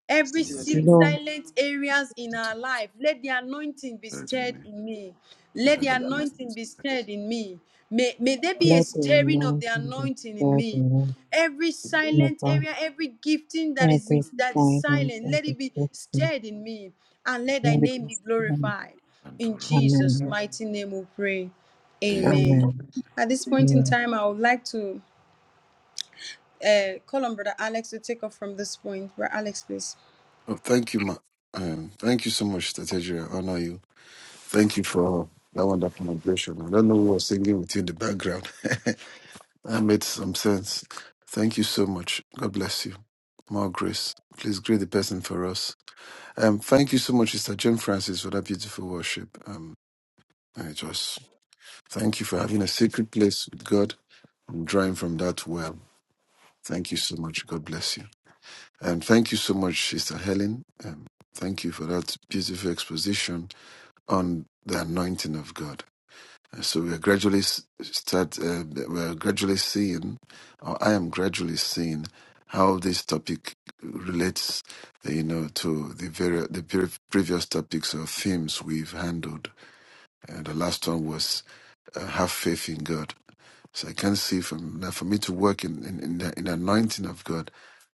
A: Every
I: Still the
A: sil-
D: Lord,
A: silent areas in our life, let the anointing be stirred in me. Let the
I: more than I can
A: anointing be stirred in me. May, may
I: ask
A: there be a
D: let the
A: stirring of the
D: anointing be
A: anointing in
D: spread
A: me.
D: in
A: Every
I: or
D: your
A: silent
D: body,
A: area, every gifting that is in,
D: every
A: that is
D: silence,
A: silent, let
D: every
A: it be
D: Christian,
A: stirred in me, and let Thy
D: let
I: think
D: it
A: name
D: be
A: be
D: spread.
A: glorified. In Jesus'
D: Amen.
A: mighty name, we pray.
I: in
G: Eh,
I: the name
A: Amen.
I: of
D: Amen.
A: At this point
I: Jesus.
A: in
D: Mm,
A: time, I would like to uh, call on Brother Alex to take off from this point. Brother Alex, please.
G: Oh, thank you, ma. Um, thank you so much, Tateja. I honor you. Thank you for that wonderful impression. I don't know who was singing with you in the background. that made some sense. Thank you so much. God bless you. More grace. Please greet the person for us. Um, thank you so much, Sister Jim Francis, for that beautiful worship. Um, I just thank you for having a secret place with God and drawing from that well. Thank you so much. God bless you. And thank you so much, Sister Helen. Um, thank you for that beautiful exposition on the anointing of God. So we're gradually start. Uh, we're gradually seeing, or I am gradually seeing, how this topic relates, you know, to the very the pre- previous topics or themes we've handled. And the last one was uh, have faith in God. So I can see from now for me to work in in in the, in the anointing of God,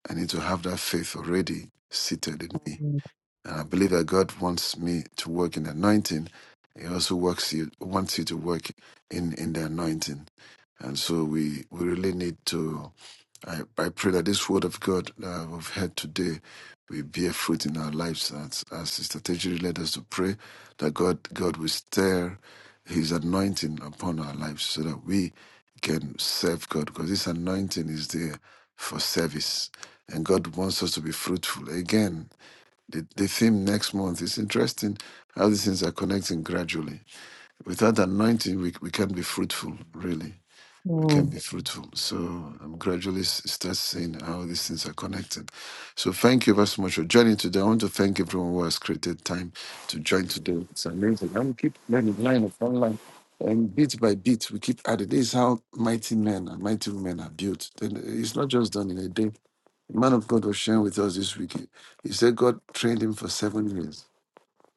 G: I need to have that faith already seated in me.
D: mm,
G: And I believe that God wants me to work in the anointing. He also works you wants you to work in, in the anointing. And so we, we really need to I, I pray that this word of God uh, we've heard today will bear fruit in our lives as, as Sister Tejiri led us to pray that God God will stir his anointing upon our lives so that we can serve God because this anointing is there for service and God wants us to be fruitful. Again, the, the theme next month is interesting how these things are connecting gradually. Without anointing, we, we can be fruitful, really. We can
D: mm.
G: be fruitful. So I'm gradually s- start seeing how these things are connected. So thank you very much for joining today. I want to thank everyone who has created time to join today. It's amazing. I'm keep learning line of online. And bit by bit, we keep adding. This is how mighty men and mighty women are built. Then It's not just done in a day the man of God was sharing with us this week. He said God trained him for seven years.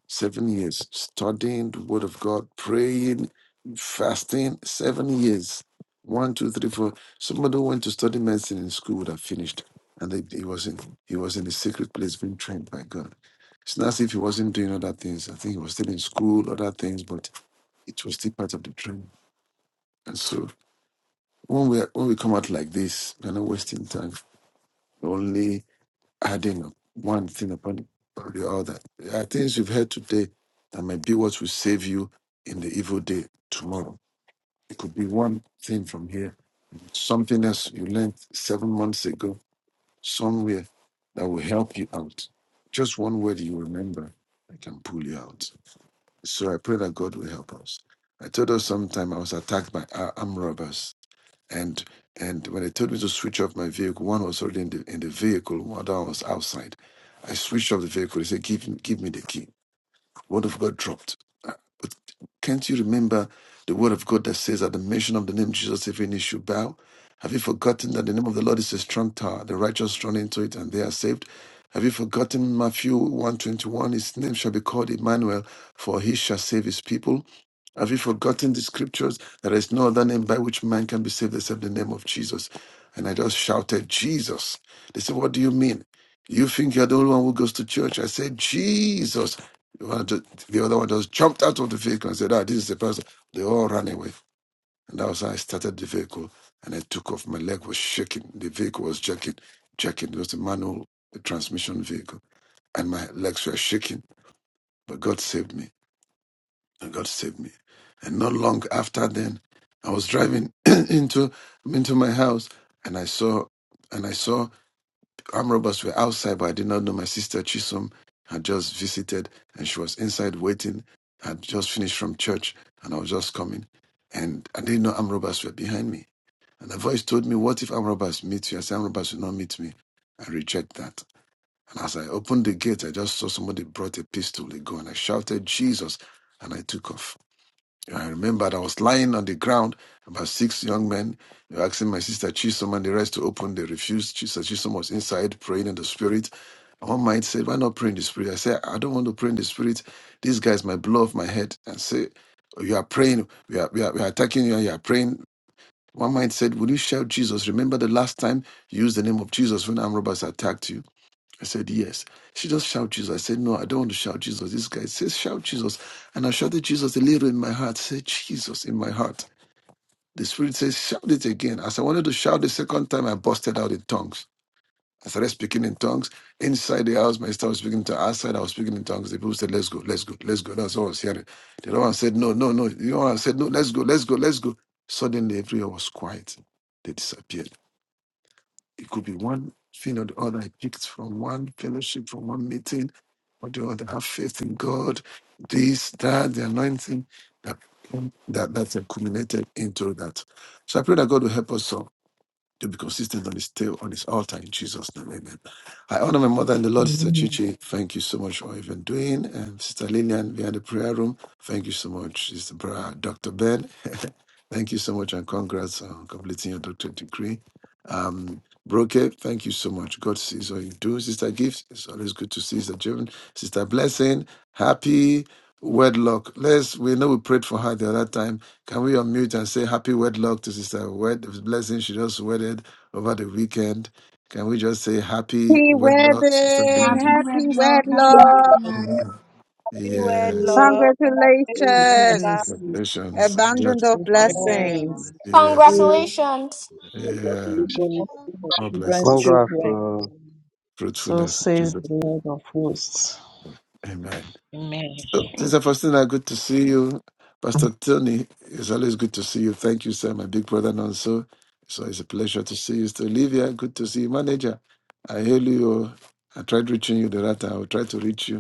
G: Seven years studying the word of God, praying, fasting, seven years. One, two, three, four. Somebody who went to study medicine in school would have finished. And they- he was in he was in a secret place being trained by God. It's not as if he wasn't doing other things. I think he was still in school, other things, but it was still part of the training. And so when we when we come out like this, we're not wasting time. Only adding up one thing upon the other. There are things you've heard today that might be what will save you in the evil day tomorrow. It could be one thing from here, something else you learned seven months ago somewhere that will help you out. Just one word you remember that can pull you out. So I pray that God will help us. I told us sometime I was attacked by ar- armed robbers and and when they told me to switch off my vehicle, one was already in the in the vehicle, one was outside. I switched off the vehicle. They said, "Give give me the key." Word of God dropped. Uh, But can't you remember the word of God that says, at the mention of the name Jesus, every knee should bow? Have you forgotten that the name of the Lord is a strong tower? The righteous run into it and they are saved. Have you forgotten Matthew 121? His name shall be called Emmanuel, for he shall save his people. Have you forgotten the scriptures? There is no other name by which man can be saved except the name of Jesus. And I just shouted, Jesus. They said, What do you mean? You think you're the only one who goes to church? I said, Jesus. One ju- The other one just jumped out of the vehicle and said, ah, this is the person. They all ran away. And that was how I started the vehicle. And I took off. My leg was shaking. The vehicle was jerking, jerking. It was a manual the transmission vehicle. And my legs were shaking. But God saved me. And God saved me. And not long after then, I was driving into into my house and I saw and I saw armed robbers were outside, but I did not know my sister Chisom had just visited and she was inside waiting. I had just finished from church and I was just coming. And I didn't know armed robbers were behind me. And the voice told me, What if armed robbers meet you? I said, Armed robbers will not meet me. I reject that. And as I opened the gate, I just saw somebody brought a pistol, a gun. I shouted, Jesus, and I took off. I remembered I was lying on the ground, about six young men. They were asking my sister Chisom and the rest to open. They refused. Sister Chisom was inside praying in the spirit. And One might said, Why not pray in the spirit? I said, I don't want to pray in the spirit. These guys might blow off my head and say, "Oh, You are praying, we are, we are, we are attacking you, and you are praying. One might said, Will you shout Jesus? Remember the last time you used the name of Jesus when armed robbers attacked you? I said, Yes. She just shout Jesus. I said, No, I don't want to shout Jesus. This guy says, Shout Jesus. And I shouted Jesus a little in my heart. Said Jesus in my heart. The spirit says, Shout it again. As I wanted to shout the second time, I busted out in tongues. I started speaking in tongues. Inside the house, my staff was speaking to outside. I was speaking in tongues. The people said, Let's go, let's go, let's go. That's all I was hearing. The other one said, No, no, no. The other one said, No, let's go, let's go, let's go. Suddenly everyone was quiet. They disappeared. It could be one thing or the other. I picked from one fellowship, from one meeting or the other. Have faith in God. This, that, the anointing that that that's accumulated into that. So I pray that God will help us all to be consistent on his tail, on his altar in Jesus' name. Amen. I honor my mother and the Lord, Sister
D: Amen.
G: Chichi. Thank you so much for even doing. And Sister Lillian behind the prayer room. Thank you so much, Sister Bra, Dr. Ben. thank you so much and congrats on completing your doctorate degree. Um, Broke, thank you so much. God sees what you do. Sister Gifts, it's always good to see Sister Jevon. Sister Blessing, happy wedlock. Let's we know we prayed for her the other time can we unmute and say happy wedlock to Sister Wed blessing she just wedded over the weekend? Can we just say happy
D: Happy
G: wedlock, Sister
D: wedding!
G: Bimji?
D: Happy wedlock!
N: Be word,
G: Yes.
N: Lord. Congratulations,
E: Amen.
N: sister.
D: Congratulations!
H: God
G: Congratulations.
H: love,
D: Abundant
G: Just
D: of
O: children,
H: God
D: blessings.
F: Congratulations.
H: bless you, God
G: yes.
H: bless
P: I'm a
H: you,
O: you,
P: fish.
Q: Congratulations
H: God bless your home.
G: Yeah.
O: you
I: Congratulations.
O: will see the
G: More
O: children's
M: One
G: blessings.
M: glass,
I: congratulations.
O: children.
M: uh,
F: Yeah.
O: So
G: Fruitfulness. in
O: says the Lord of hosts.
G: Jesus.
O: Amen.
G: So,
E: Amen.
G: Sister Faustina, good to see you. Pastor Tony, it's always good to see you. Thank you, sir, my big brother Nonso. It's always a pleasure to see you. Sister Olivia, good to see you. Manager, I hail you. I tried reaching you the right time. I will try to reach you.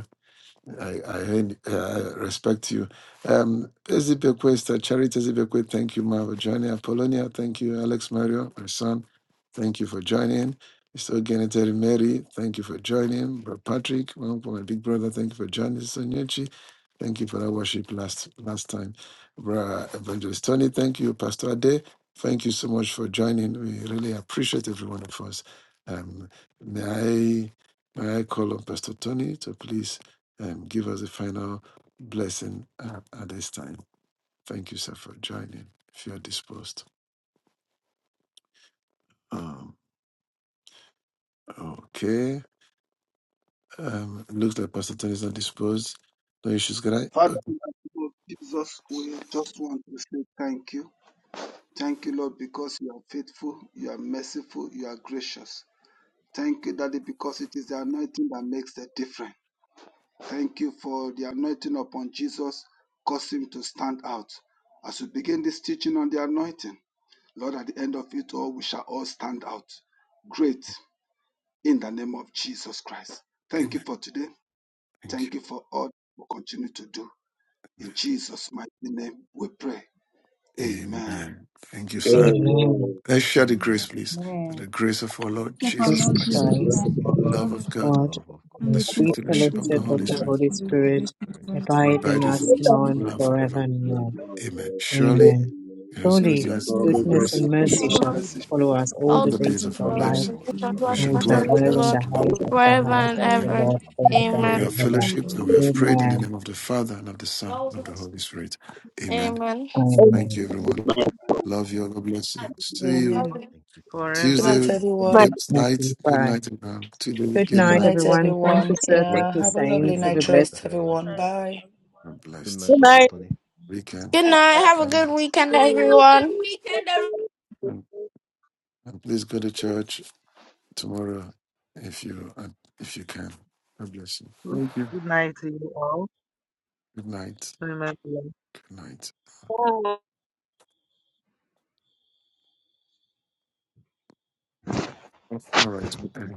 G: I, I, heard- uh, respect you. Um, Ezibekwe, Charity Ezibekwe, thank you, Ma, for joining. Apollonia, thank you. Alex Mario, my son, thank you for joining. Mr. Genetary Mary, thank you for joining. Bro Patrick, my uncle, my big brother, thank you for joining. Sister Nyechi, thank you for that worship last last time. Bro Evangelist Tony, thank you. Pastor Ade, thank you so much for joining. We really appreciate every one of us. Um, may I may I call on Pastor Tony to please um, give us a final blessing at, at this time. Thank you, sir, for joining. If you are disposed, um, okay. Um, looks like Pastor Tony is not disposed. No issues, can I?
I: Father,
G: Oh,
I: in the name of Jesus, we just want to say thank you. Thank you, Lord, because you are faithful, you are merciful, you are gracious. Thank you, Daddy, because it is the anointing that makes the difference. Thank you for the anointing upon Jesus, cause him to stand out. As we begin this teaching on the anointing, Lord, at the end of it all, we shall all stand out great in the name of Jesus Christ. Thank you for today.
G: thank
I: Thank you for all we continue to do. In Jesus' mighty name, we pray.
G: you.
I: Amen.
G: Amen. Thank you, sir.
D: Amen.
J: Amen.
G: Let's share the grace,
H: Amen.
G: please. For
O: Amen.
G: the grace of our Lord Jesus
D: Jesus
H: Of
G: Christ,
H: the
D: Christ.
J: Bless
H: Lord
J: the
H: Jesus
J: Lord,
G: love of
H: Christ,
G: God,
H: the
D: God,
H: love of God,
G: the
D: the
G: sweet
D: sweet
G: fellowship
H: and
G: of
H: the
G: the
D: fellowship
H: free
D: of
G: Holy
D: the
G: Spirit,
H: fellowship
D: Holy
H: of the Holy
D: Spirit
H: Spirit, be
G: and
D: abide in
G: abide
H: with us
G: with
D: us
I: Amen.
G: us
H: now and
D: now and
J: bless
G: now and
J: the Lord,
G: forever.
H: forevermore.
J: bless
D: forevermore.
J: the Lord,
G: Amen.
J: bless the Lord.
G: Surely,
H: Amen.
D: Amen.
J: Amen.
G: His
D: Surely
G: goodness
I: Surely,
J: Father,
G: and
D: goodness
J: God
G: mercy
J: bless
D: and
H: God's
J: the
G: shall
D: mercy
J: Lord,
I: Some
H: goodness
D: shall
Q: for
H: and
I: message.
D: follow
H: mercy
D: us
H: shall
D: all
Q: all
G: all
D: the
H: follow
Q: the
G: the
H: us
D: days
G: days
D: of
G: of
D: our
G: our
Q: and
G: lives
D: life,
H: all
Q: congratulations
H: the
Q: to
H: days
G: We
H: of
D: and
Q: the
G: shall
D: we
H: our
D: shall
Q: Master
G: dwell
Q: of
G: in
D: dwell
Q: the
G: the
H: life,
D: in
G: house of
D: the
Q: Lord
G: the Lord
D: house of
H: and we
D: the
Q: forever
H: shall
D: house
G: forever.
Q: and
H: dwell
D: of
H: in
D: the
H: the
G: Amen.
Q: ever.
H: house
D: Lord
H: of the Lord
J: for
D: forever
G: We
Q: Amen.
D: and
G: have
J: your
D: ever.
J: mercy, for
G: fellowshiped and we
H: forever
J: your
G: have
H: and
J: mercy.
G: prayed in the
D: Amen.
G: name of
H: ever.
G: the Father
H: Amen.
G: and of the Son and of the Holy Spirit. Amen.
Q: Amen.
G: Thank
D: Amen.
G: you, everyone. Love you. God bless you.
H: Amen.
G: See you
R: Amen.
H: Thank you so much.
R: Good
S: forever.
H: Thank you
R: night,
G: Tuesday,
H: so.
L: Amen.
G: good
R: everyone.
D: Okay,
G: night. Good
D: bye.
G: night, everyone. Tuesday,
D: Good
H: Good
G: good
R: Good
D: night,
H: night.
G: night.
R: night,
D: everyone. Thank you,
R: everyone.
D: sir. Thank
R: Yeah,
D: you,
G: Waiting.
R: have a
G: Good night,
R: lovely
D: saints.
H: Thank
D: Have a
H: you,
R: night
G: everyone.
D: blessed
H: Sister
R: rest,
H: Helen.
P: Good
R: everyone.
P: night.
R: Bye.
G: God
H: Good
G: blessed.
H: night,
L: Good
H: Pastor
L: night.
H: Tony.
Q: Good
G: Weekend.
Q: night. Have a
G: And,
H: familiar
Q: good weekend, everyone.
G: and, and please go to church tomorrow if you if you can. God bless you.
S: Good
G: Thank you.
S: night to you all.
G: Good night.
S: Remember.
G: Good night.
B: God.
G: All right.